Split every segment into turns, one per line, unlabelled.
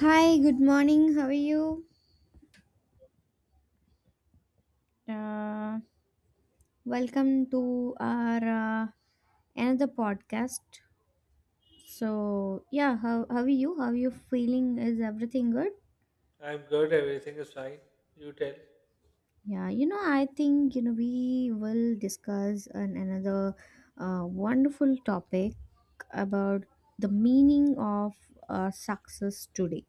Hi, good morning. How are you? Uh, Welcome to our another podcast. So, yeah, how are you? How are you feeling? Is everything good?
I'm good, everything is fine. You tell.
Yeah, I think, we will discuss another wonderful topic about the meaning of success today.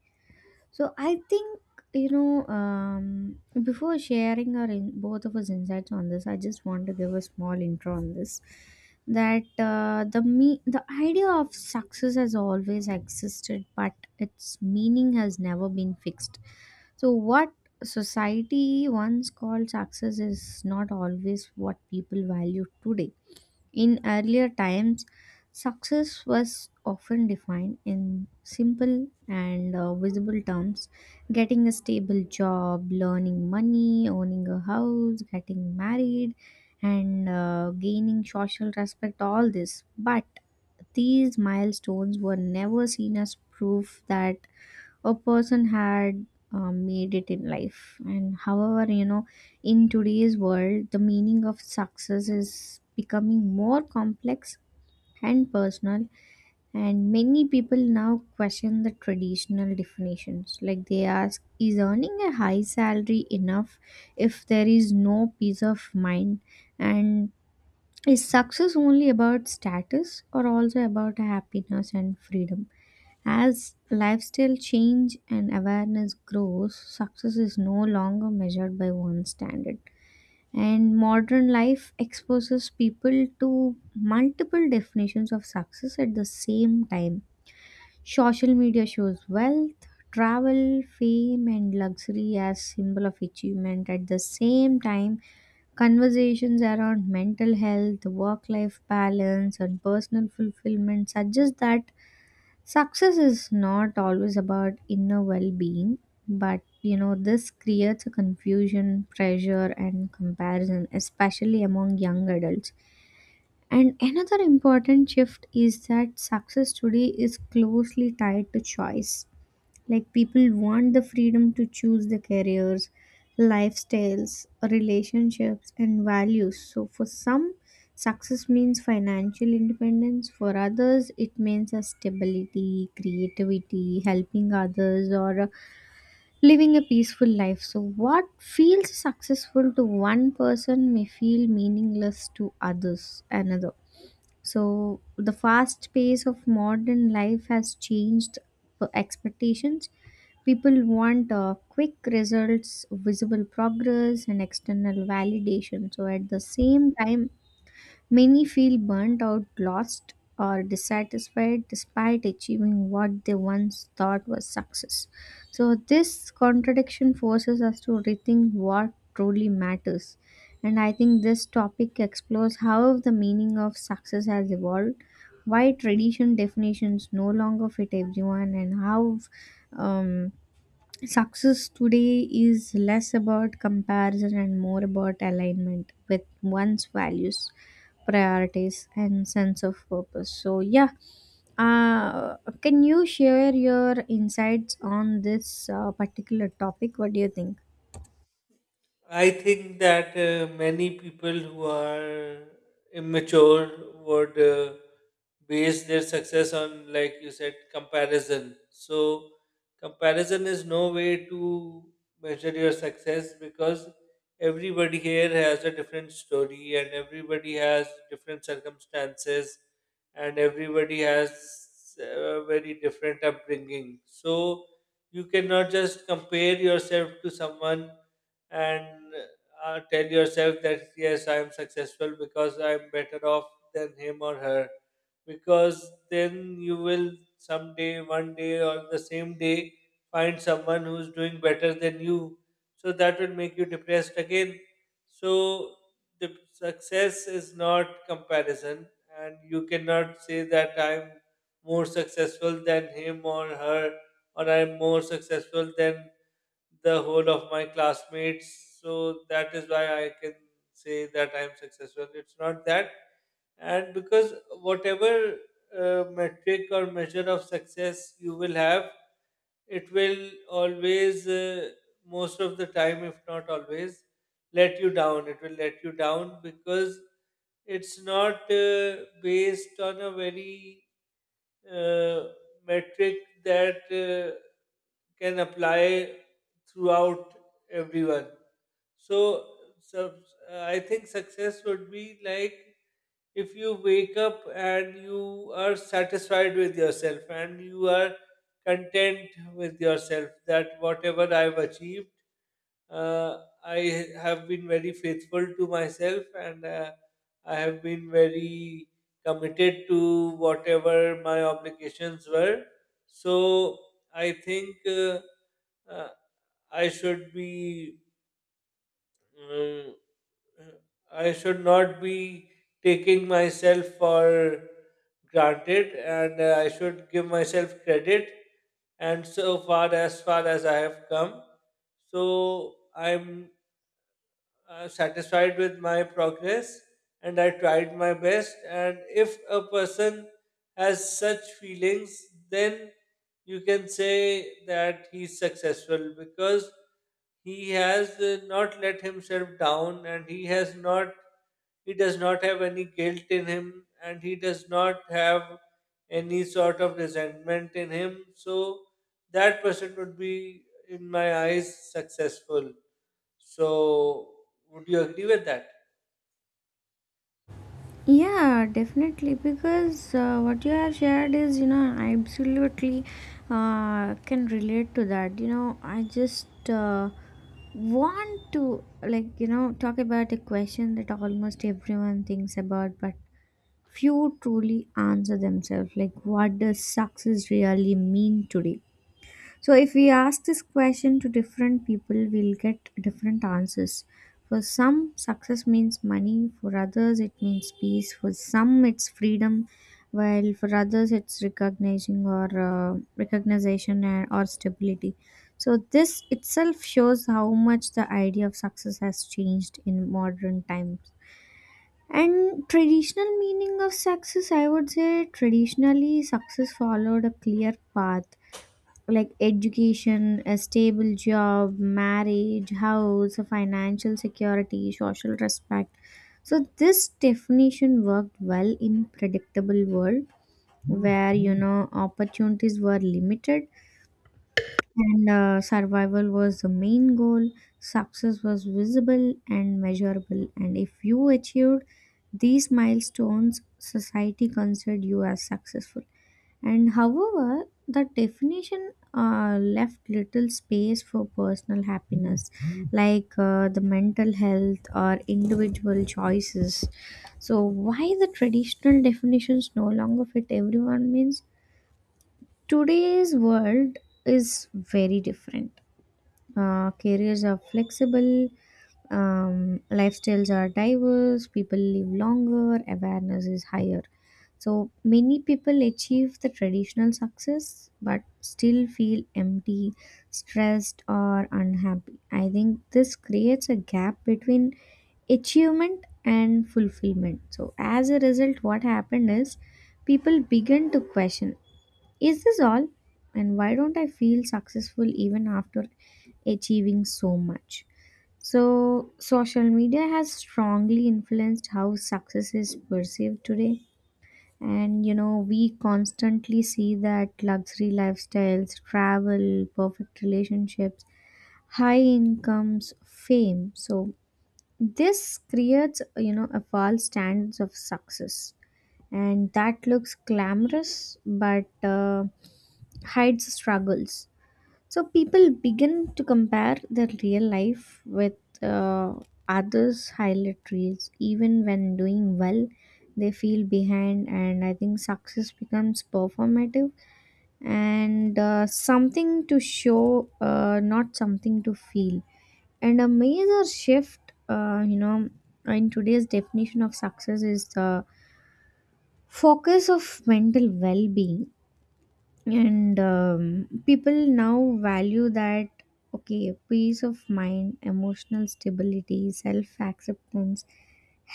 So I think before sharing our both of us insights on this, I just want to give a small intro on this. That, the idea of success has always existed, but its meaning has never been fixed. So what society once called success is not always what people value today. In earlier times, success was often defined in simple and visible terms: getting a stable job, learning money, owning a house, getting married, and gaining social respect, all this. But these milestones were never seen as proof that a person had made it in life. And however, in today's world, the meaning of success is becoming more complex and personal. And many people now question the traditional definitions. Like they ask, is earning a high salary enough if there is no peace of mind? And is success only about status or also about happiness and freedom? As lifestyle change and awareness grows, success is no longer measured by one standard. And modern life exposes people to multiple definitions of success at the same time. Social media shows wealth, travel, fame, and luxury as symbol of achievement. At the same time, conversations around mental health, work-life balance, and personal fulfillment suggest that success is not always about inner well being, but this creates a confusion, pressure, and comparison, especially among young adults. And another important shift is that success today is closely tied to choice. Like people want the freedom to choose the careers, lifestyles, relationships, and values. So for some, success means financial independence. For others, it means a stability, creativity, helping others, or living a peaceful life. So what feels successful to one person may feel meaningless to others, another. So, the fast pace of modern life has changed the expectations. People want quick results, visible progress, and external validation. So, at the same time, many feel burnt out, lost, or dissatisfied despite achieving what they once thought was success. So, this contradiction forces us to rethink what truly matters. And I think this topic explores how the meaning of success has evolved, why tradition definitions no longer fit everyone, and how um, success today is less about comparison and more about alignment with one's values, priorities, and sense of purpose. So, yeah, uh, can you share your insights on this particular topic? What do you think?
I think that many people who are immature would base their success on, like you said, comparison. So, comparison is no way to measure your success because everybody here has a different story and everybody has different circumstances and everybody has a very different upbringing. So, you cannot just compare yourself to someone and tell yourself that yes, I am successful because I am better off than him or her. Because then you will someday, one day, or the same day find someone who's doing better than you. So that will make you depressed again. So the success is not comparison, and you cannot say that I'm more successful than him or her, or I'm more successful than the whole of my classmates. So that is why I can say that I'm successful. It's not that. And because whatever metric or measure of success you will have, it will always, most of the time, if not always, let you down. It will let you down because it's not based on a very uh, metric that can apply throughout everyone. So, so I think success would be like if you wake up and you are satisfied with yourself and you are content with yourself that whatever I've achieved, uh, I have been very faithful to myself and I have been very committed to whatever my obligations were. So I think, uh, I should be, um, I should not be taking myself for granted and I should give myself credit and so far as I have come. So I'm satisfied with my progress and I tried my best. And if a person has such feelings, then you can say that he's successful because he has not let himself down and he does not have any guilt in him and he does not have any sort of resentment in him, so that person would be in my eyes successful. So would you agree with that?
Yeah, definitely. Because what you have shared is, I absolutely can relate to that. I just want to, like, talk about a question that almost everyone thinks about, but few truly answer themselves. Like, what does success really mean today? So, if we ask this question to different people, we'll get different answers. For some, success means money, for others, it means peace, for some, it's freedom, while for others, it's recognizing or recognition or stability. So, this itself shows how much the idea of success has changed in modern times. And traditional meaning of success, I would say traditionally, success followed a clear path like education, a stable job, marriage, house, financial security, social respect. So this definition worked well in predictable world where opportunities were limited and survival was the main goal. Success was visible and measurable, and if you achieved these milestones, society considered you as successful. And however, the definition left little space for personal happiness, like the mental health or individual choices. So, why the traditional definitions no longer fit everyone means today's world is very different. Careers are flexible, lifestyles are diverse, people live longer, awareness is higher. So many people achieve the traditional success but still feel empty, stressed, or unhappy. I think this creates a gap between achievement and fulfillment. So, as a result, what happened is people begin to question, is this all? And why don't I feel successful even after achieving so much? So, social media has strongly influenced how success is perceived today. And we constantly see that luxury lifestyles, travel, perfect relationships, high incomes, fame. So, this creates, a false standards of success. And that looks glamorous, but hides struggles. So people begin to compare their real life with uh, others' highlight reels. Even when doing well, they feel behind, and I think success becomes performative and something to show, not something to feel. And a major shift, uh, you know, in today's definition of success is the focus of mental well-being. And people now value that, okay, peace of mind, emotional stability, self acceptance,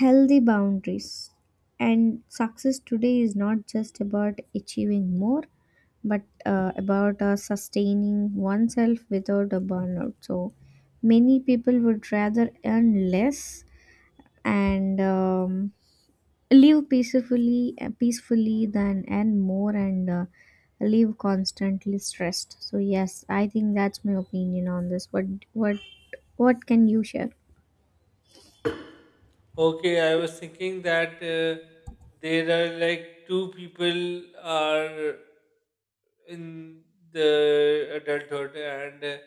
healthy boundaries. And success today is not just about achieving more, but about sustaining oneself without a burnout. So many people would rather earn less and live peacefully than and more, and live constantly stressed. So yes, I think that's my opinion on this. What what can you share?
Okay, I was thinking that there are like two people are in the adulthood and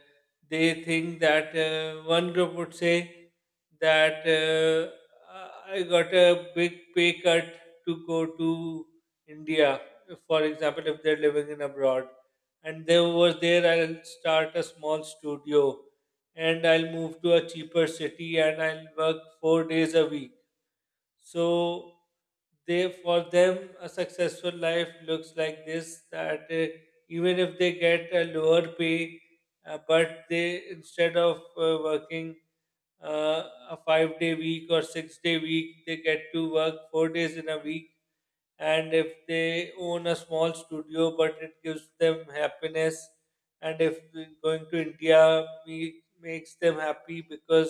they think that one group would say that I got a big pay cut to go to India, for example, if they're living in abroad. And they was there, I'll start a small studio and I'll move to a cheaper city and I'll work 4 days a week. So they, for them a successful life looks like this, that even if they get a lower pay, but they instead of working uh, a 5-day week or 6-day week, they get to work 4 days in a week, and if they own a small studio but it gives them happiness, and if going to india makes them happy because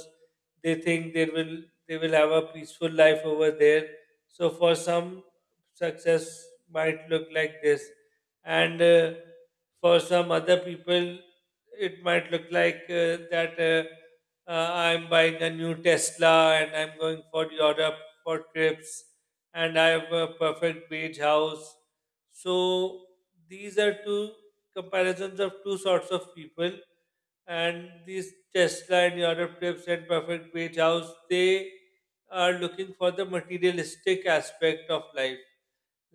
they think they will have a peaceful life over there. So for some, success might look like this, and for some other people it might look like that I'm buying a new tesla and I'm going for europe for trips and I have a perfect beach house. So these are two comparisons of two sorts of people. And these Tesla and Europe trips and perfect beach house, they are looking for the materialistic aspect of life.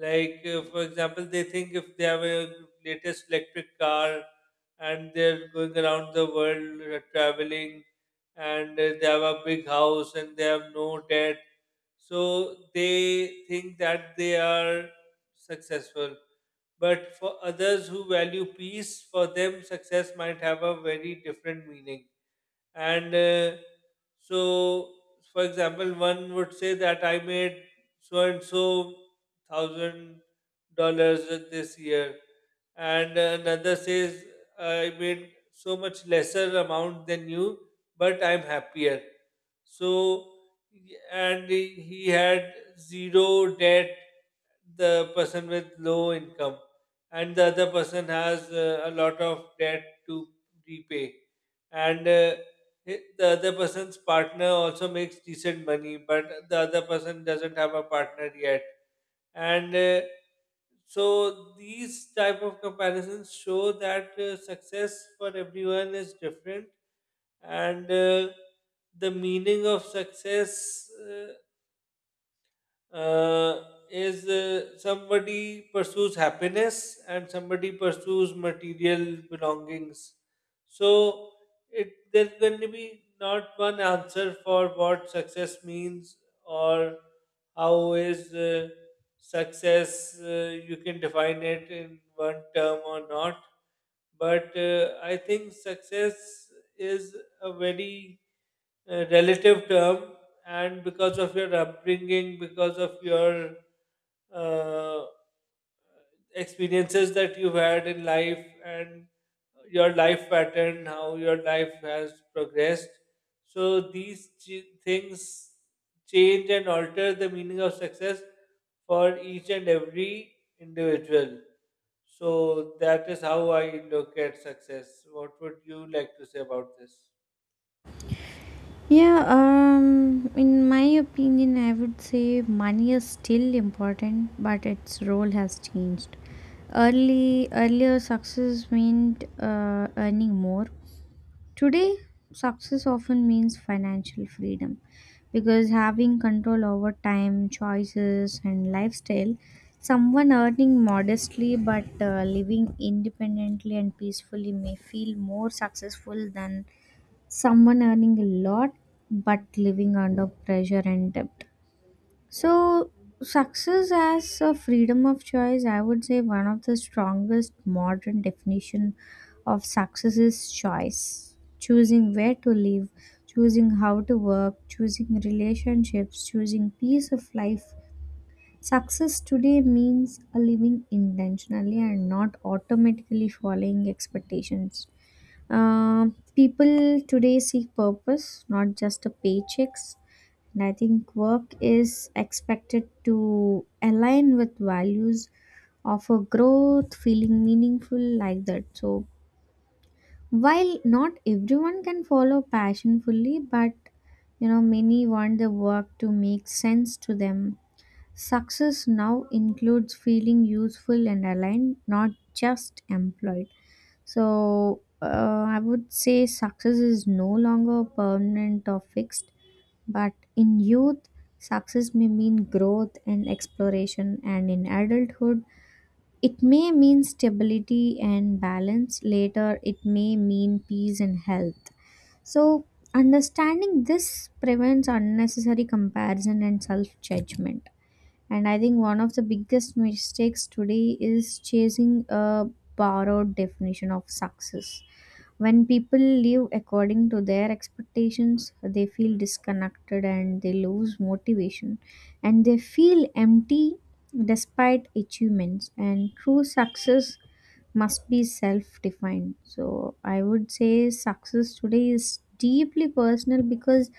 Like, for example, they think if they have a latest electric car and they're going around the world traveling and they have a big house and they have no debt. So they think that they are successful. But for others who value peace, for them, success might have a very different meaning. And so for example, one would say that I made so and so thousand dollars this year, and another says I made so much lesser amount than you but I'm happier. So and he had zero debt, the person with low income, and the other person has a lot of debt to repay, and the other person's partner also makes decent money but the other person doesn't have a partner yet. And so these type of comparisons show that success for everyone is different. And the meaning of success, uh, is somebody pursues happiness and somebody pursues material belongings. So it, there's going to be not one answer for what success means, or how is success, you can define it in one term or not. But I think success is a very relative term, and because of your upbringing, because of your uh, experiences that you've had in life, and your life pattern, how your life has progressed, so these things change and alter the meaning of success for each and every individual. So that is how I look at success. What would you like to say about this?
Yeah, in my opinion, I would say money is still important, but its role has changed. Earlier success meant earning more. Today, success often means financial freedom because having control over time, choices, and lifestyle, someone earning modestly but living independently and peacefully may feel more successful than someone earning a lot but living under pressure and debt. So, success as a freedom of choice, I would say one of the strongest modern definition of success is choice. Choosing where to live, choosing how to work, choosing relationships, choosing peace of life. Success today means living intentionally and not automatically following expectations. People today seek purpose, not just a paychecks. And I think work is expected to align with values, offer growth, feeling meaningful like that. So while not everyone can follow passion fully, but many want the work to make sense to them. Success now includes feeling useful and aligned, not just employed. So, I would say success is no longer permanent or fixed, but in youth, success may mean growth and exploration, and in adulthood, it may mean stability and balance. Later, it may mean peace and health. So, understanding this prevents unnecessary comparison and self judgment. And I think one of the biggest mistakes today is chasing a borrowed definition of success. When people live according to their expectations, they feel disconnected and they lose motivation and they feel empty despite achievements. And true success must be self defined. So I would say success today is deeply personal because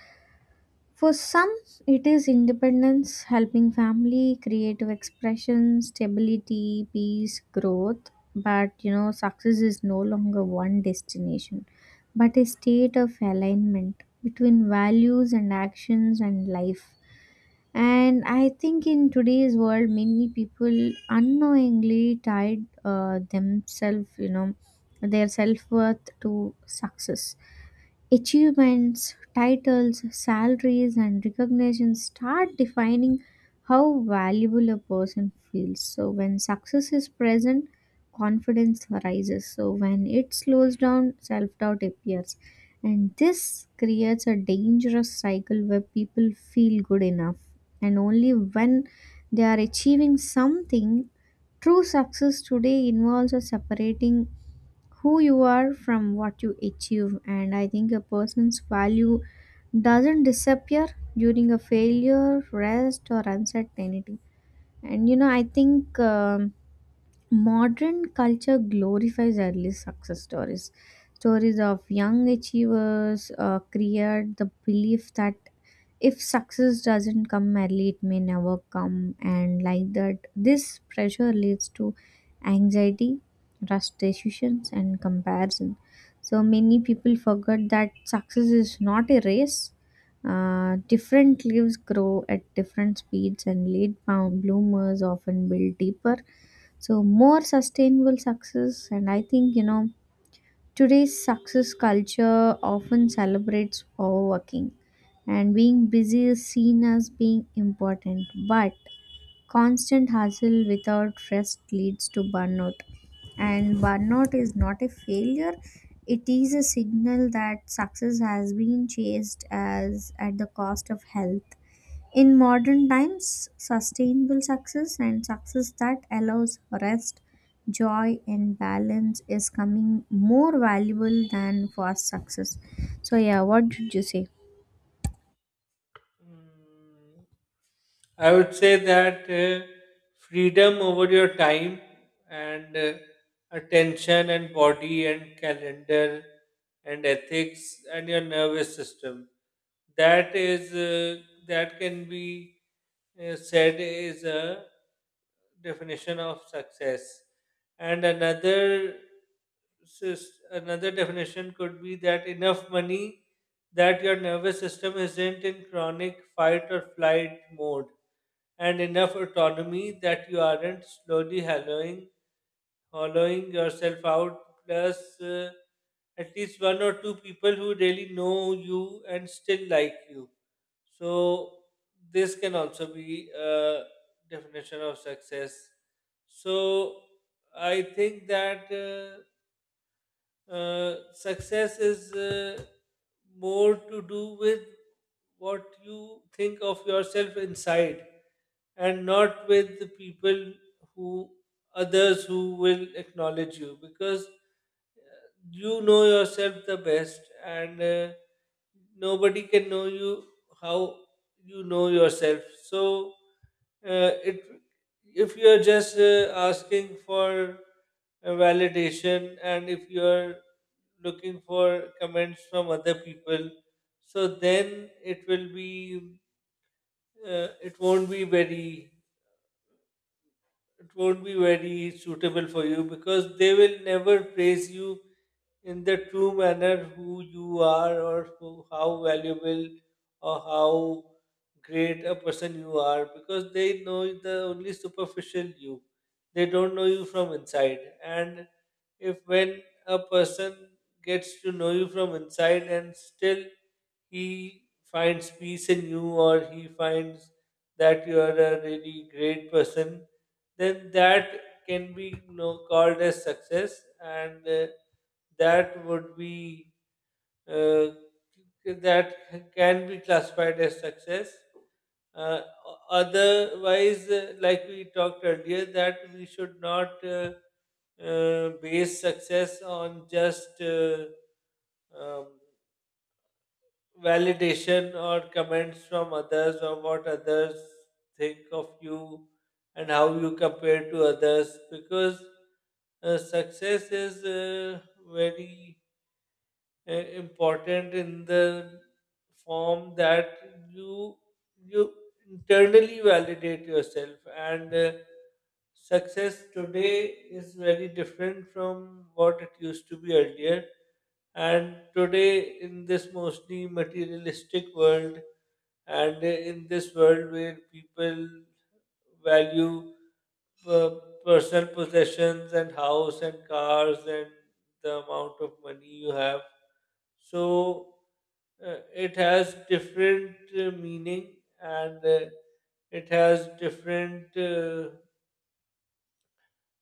for some, it is independence, helping family, creative expression, stability, peace, growth. But success is no longer one destination, but a state of alignment between values and actions and life. And I think in today's world, many people unknowingly tied themselves, their self worth to success. Achievements, titles, salaries, and recognition start defining how valuable a person feels. So, when success is present, confidence rises. So, when it slows down, self doubt appears. And this creates a dangerous cycle where people feel good enough. And only when they are achieving something, true success today involves a separating who you are from what you achieve. And I think a person's value doesn't disappear during a failure, rest, or uncertainty. And I think modern culture glorifies early success stories. Stories of young achievers create the belief that if success doesn't come early, it may never come. And like that, this pressure leads to anxiety, rush decisions, and comparison. So many people forget that success is not a race. Different leaves grow at different speeds, and late bloomers often build deeper, so more sustainable success. And I think, today's success culture often celebrates overworking, and being busy is seen as being important, but constant hustle without rest leads to burnout. And burnout is not a failure, it is a signal that success has been chased as at the cost of health. In modern times, sustainable success and success that allows rest, joy, and balance is coming more valuable than fast success. So, yeah, what did you say?
Mm, I would say that freedom over your time and attention and body and calendar and ethics and your nervous system. That is that can be said is a definition of success. And another another definition could be that enough money that your nervous system isn't in chronic fight or flight mode, and enough autonomy that you aren't slowly hollowing yourself out, plus at least one or two people who really know you and still like you. So, this can also be a definition of success. So, I think that. Success is more to do with what you think of yourself inside and not with the people who, others who will acknowledge you, because you know yourself the best, and nobody can know you how you know yourself. So it, if you are just asking for a validation, and if you are looking for comments from other people, so then it will be it won't be very, it won't be very suitable for you, because they will never praise you in the true manner who you are, or who, how valuable or how great a person you are, because they know the only superficial you. They don't know you from inside. And if when a person gets to know you from inside and still he finds peace in you, or he finds that you are a really great person, then that can be, you know, called as success, and that would be uh, that can be classified as success. Uh, Otherwise, like we talked earlier, that we should not base success on just um, validation or comments from others or what others think of you, and how you compare to others. Because success is very important in the form that you you internally validate yourself. And success today is very different from what it used to be earlier. And today in this mostly materialistic world, and in this world where people value uh, personal possessions and house and cars and the amount of money you have, so it has different meaning, and it has different uh,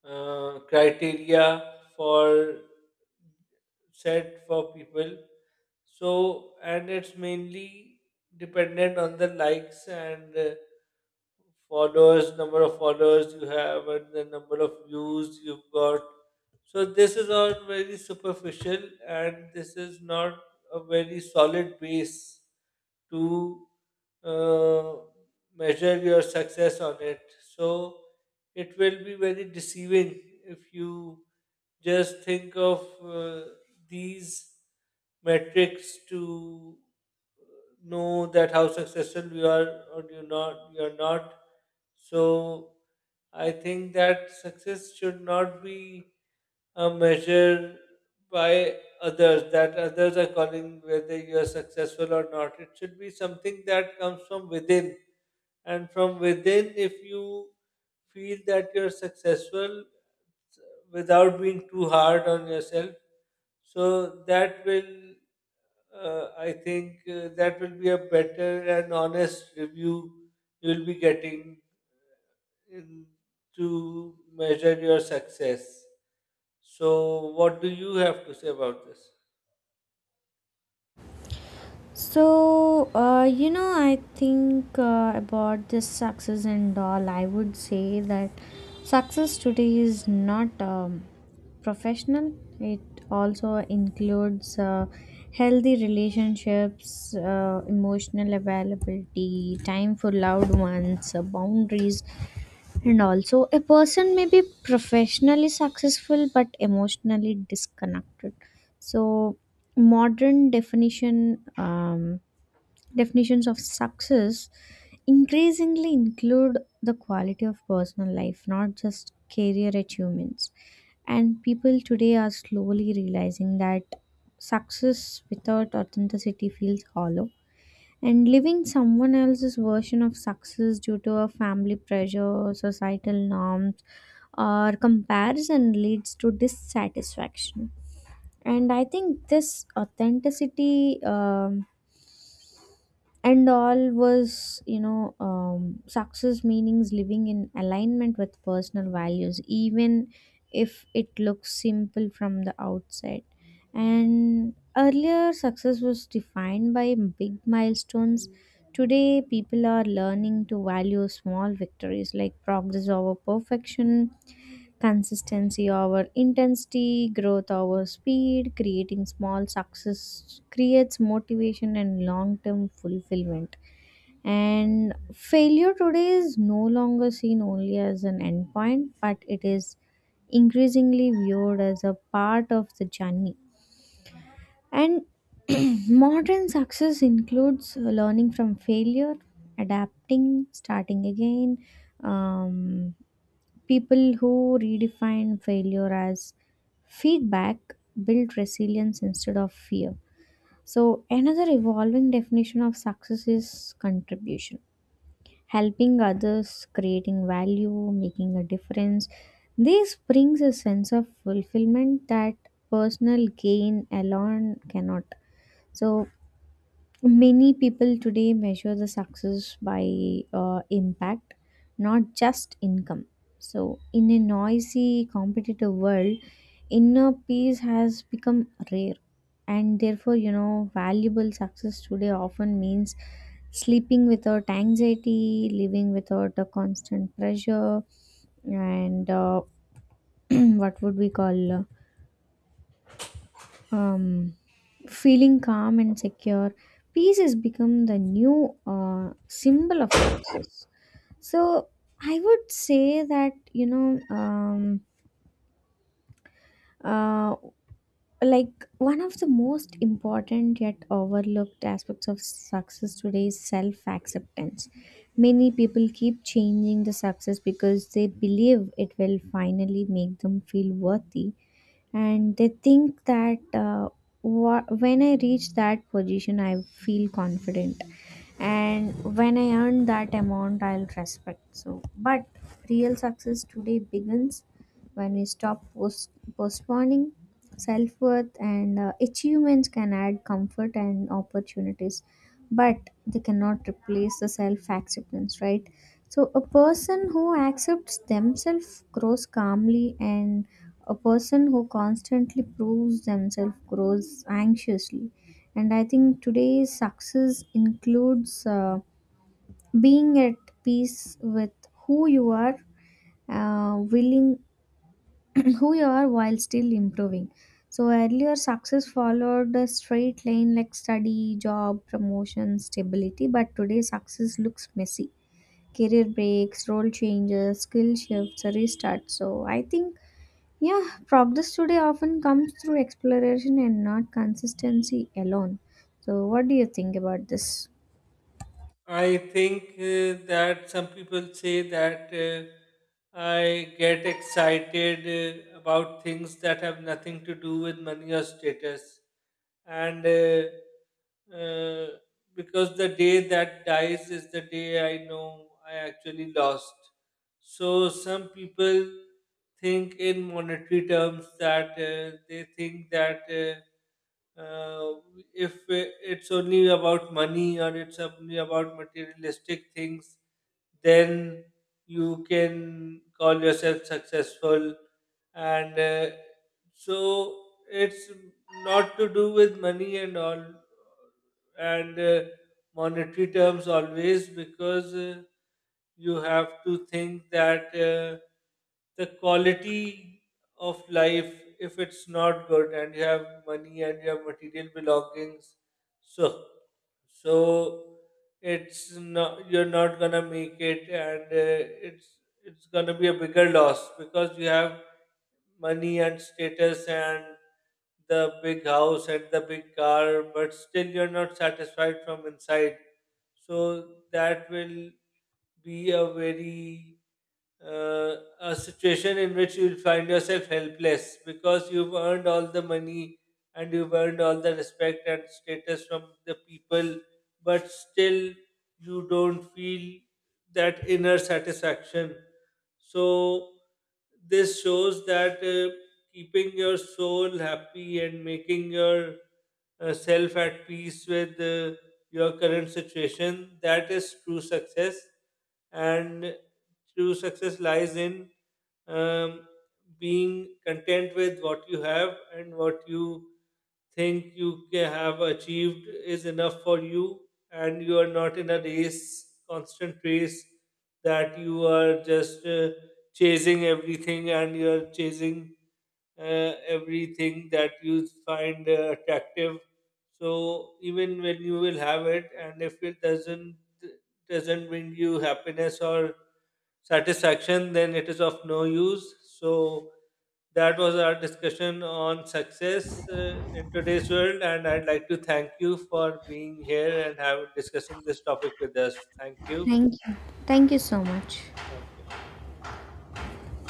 uh, criteria for, set for people. So, and it's mainly dependent on the likes and followers, number of followers you have, and the number of views you've got. So this is all very superficial, and this is not a very solid base to uh, measure your success on it. So it will be very deceiving if you just think of these metrics to know that how successful you are, or you are not. So I think that success should not be a measure by others, that others are calling whether you are successful or not. It should be something that comes from within. And from within, if you feel that you're successful without being too hard on yourself, so that will, I think, that will be a better and honest review you'll be getting in, to measure your success. So, what do you have to say about this?
So, I think about this success and all, I would say that success today is not professional, it also includes healthy relationships, emotional availability, time for loved ones, boundaries, and also, a person may be professionally successful but emotionally disconnected. So, modern definitions of success increasingly include the quality of personal life, not just career achievements. And people today are slowly realizing that success without authenticity feels hollow and living someone else's version of success due to a family pressure, societal norms, or comparison leads to dissatisfaction. And I think this authenticity and all was, success meanings living in alignment with personal values even if it looks simple from the outside. And earlier success was defined by big milestones. Today people are learning to value small victories, like progress over perfection, consistency over intensity, growth over speed. Creating small success creates motivation and long term fulfillment. And failure today is no longer seen only as an endpoint, but it is increasingly viewed as a part of the journey. And modern success includes learning from failure, adapting, starting again. um, People who redefine failure as feedback build resilience instead of fear. So, another evolving definition of success is contribution, helping others, creating value, making a difference. This brings a sense of fulfillment that personal gain alone cannot. So, many people today measure the success by impact, not just income. So, in a noisy, competitive world, inner peace has become rare. And therefore, valuable success today often means sleeping without anxiety, living without a constant pressure, and what would we call um, feeling calm and secure. Peace has become the new symbol of success. So I would say that um, uh, like one of the most important yet overlooked aspects of success today is self acceptance. Many people keep changing the success because they believe it will finally make them feel worthy. And they think that, when I reach that position, I feel confident, and when I earn that amount, I'll respect. So but real success today begins when we stop postponing self-worth. And achievements can add comfort and opportunities, but they cannot replace the self-acceptance, right? So a person who accepts themselves grows calmly, and a person who constantly proves themselves grows anxiously. And I think today's success includes being at peace with who you are, willing who you are while still improving. So earlier success followed a straight line, like study, job promotion, stability. But today success looks messy: career breaks, role changes, skill shifts, a restart. So I think, yeah, progress today often comes through exploration and not consistency alone. So, what do you think about this?
I think that some people say that I get excited about things that have nothing to do with money or status, and uh, because the day that dies is the day I know I actually lost. So some people think in monetary terms that they think that. Uh, if it's only about money, or it's only about materialistic things, then you can call yourself successful. And so it's not to do with money and all, and monetary terms always, because you have to think that the quality of life if it's not good, and you have money and you have material belongings, so so it's not, you're not gonna make it. And it's gonna be a bigger loss, because you have money and status and the big house and the big car, but still you're not satisfied from inside. So that will be a very a situation in which you'll find yourself helpless, because you've earned all the money and you've earned all the respect and status from the people, but still you don't feel that inner satisfaction. So, this shows that keeping your soul happy and making your self at peace with your current situation, that is true success. And true success lies in, um, being content with what you have, and what you think you have achieved is enough for you, and you are not in a race constant race, that you are just chasing everything, and you are chasing everything that you find attractive. So even when you will have it, and if it doesn't bring you happiness or satisfaction, then it is of no use. So that was our discussion on success in today's world, and I'd like to thank you for being here and have discussing this topic with us. Thank you.
Thank you. Thank you so much.
Thank you.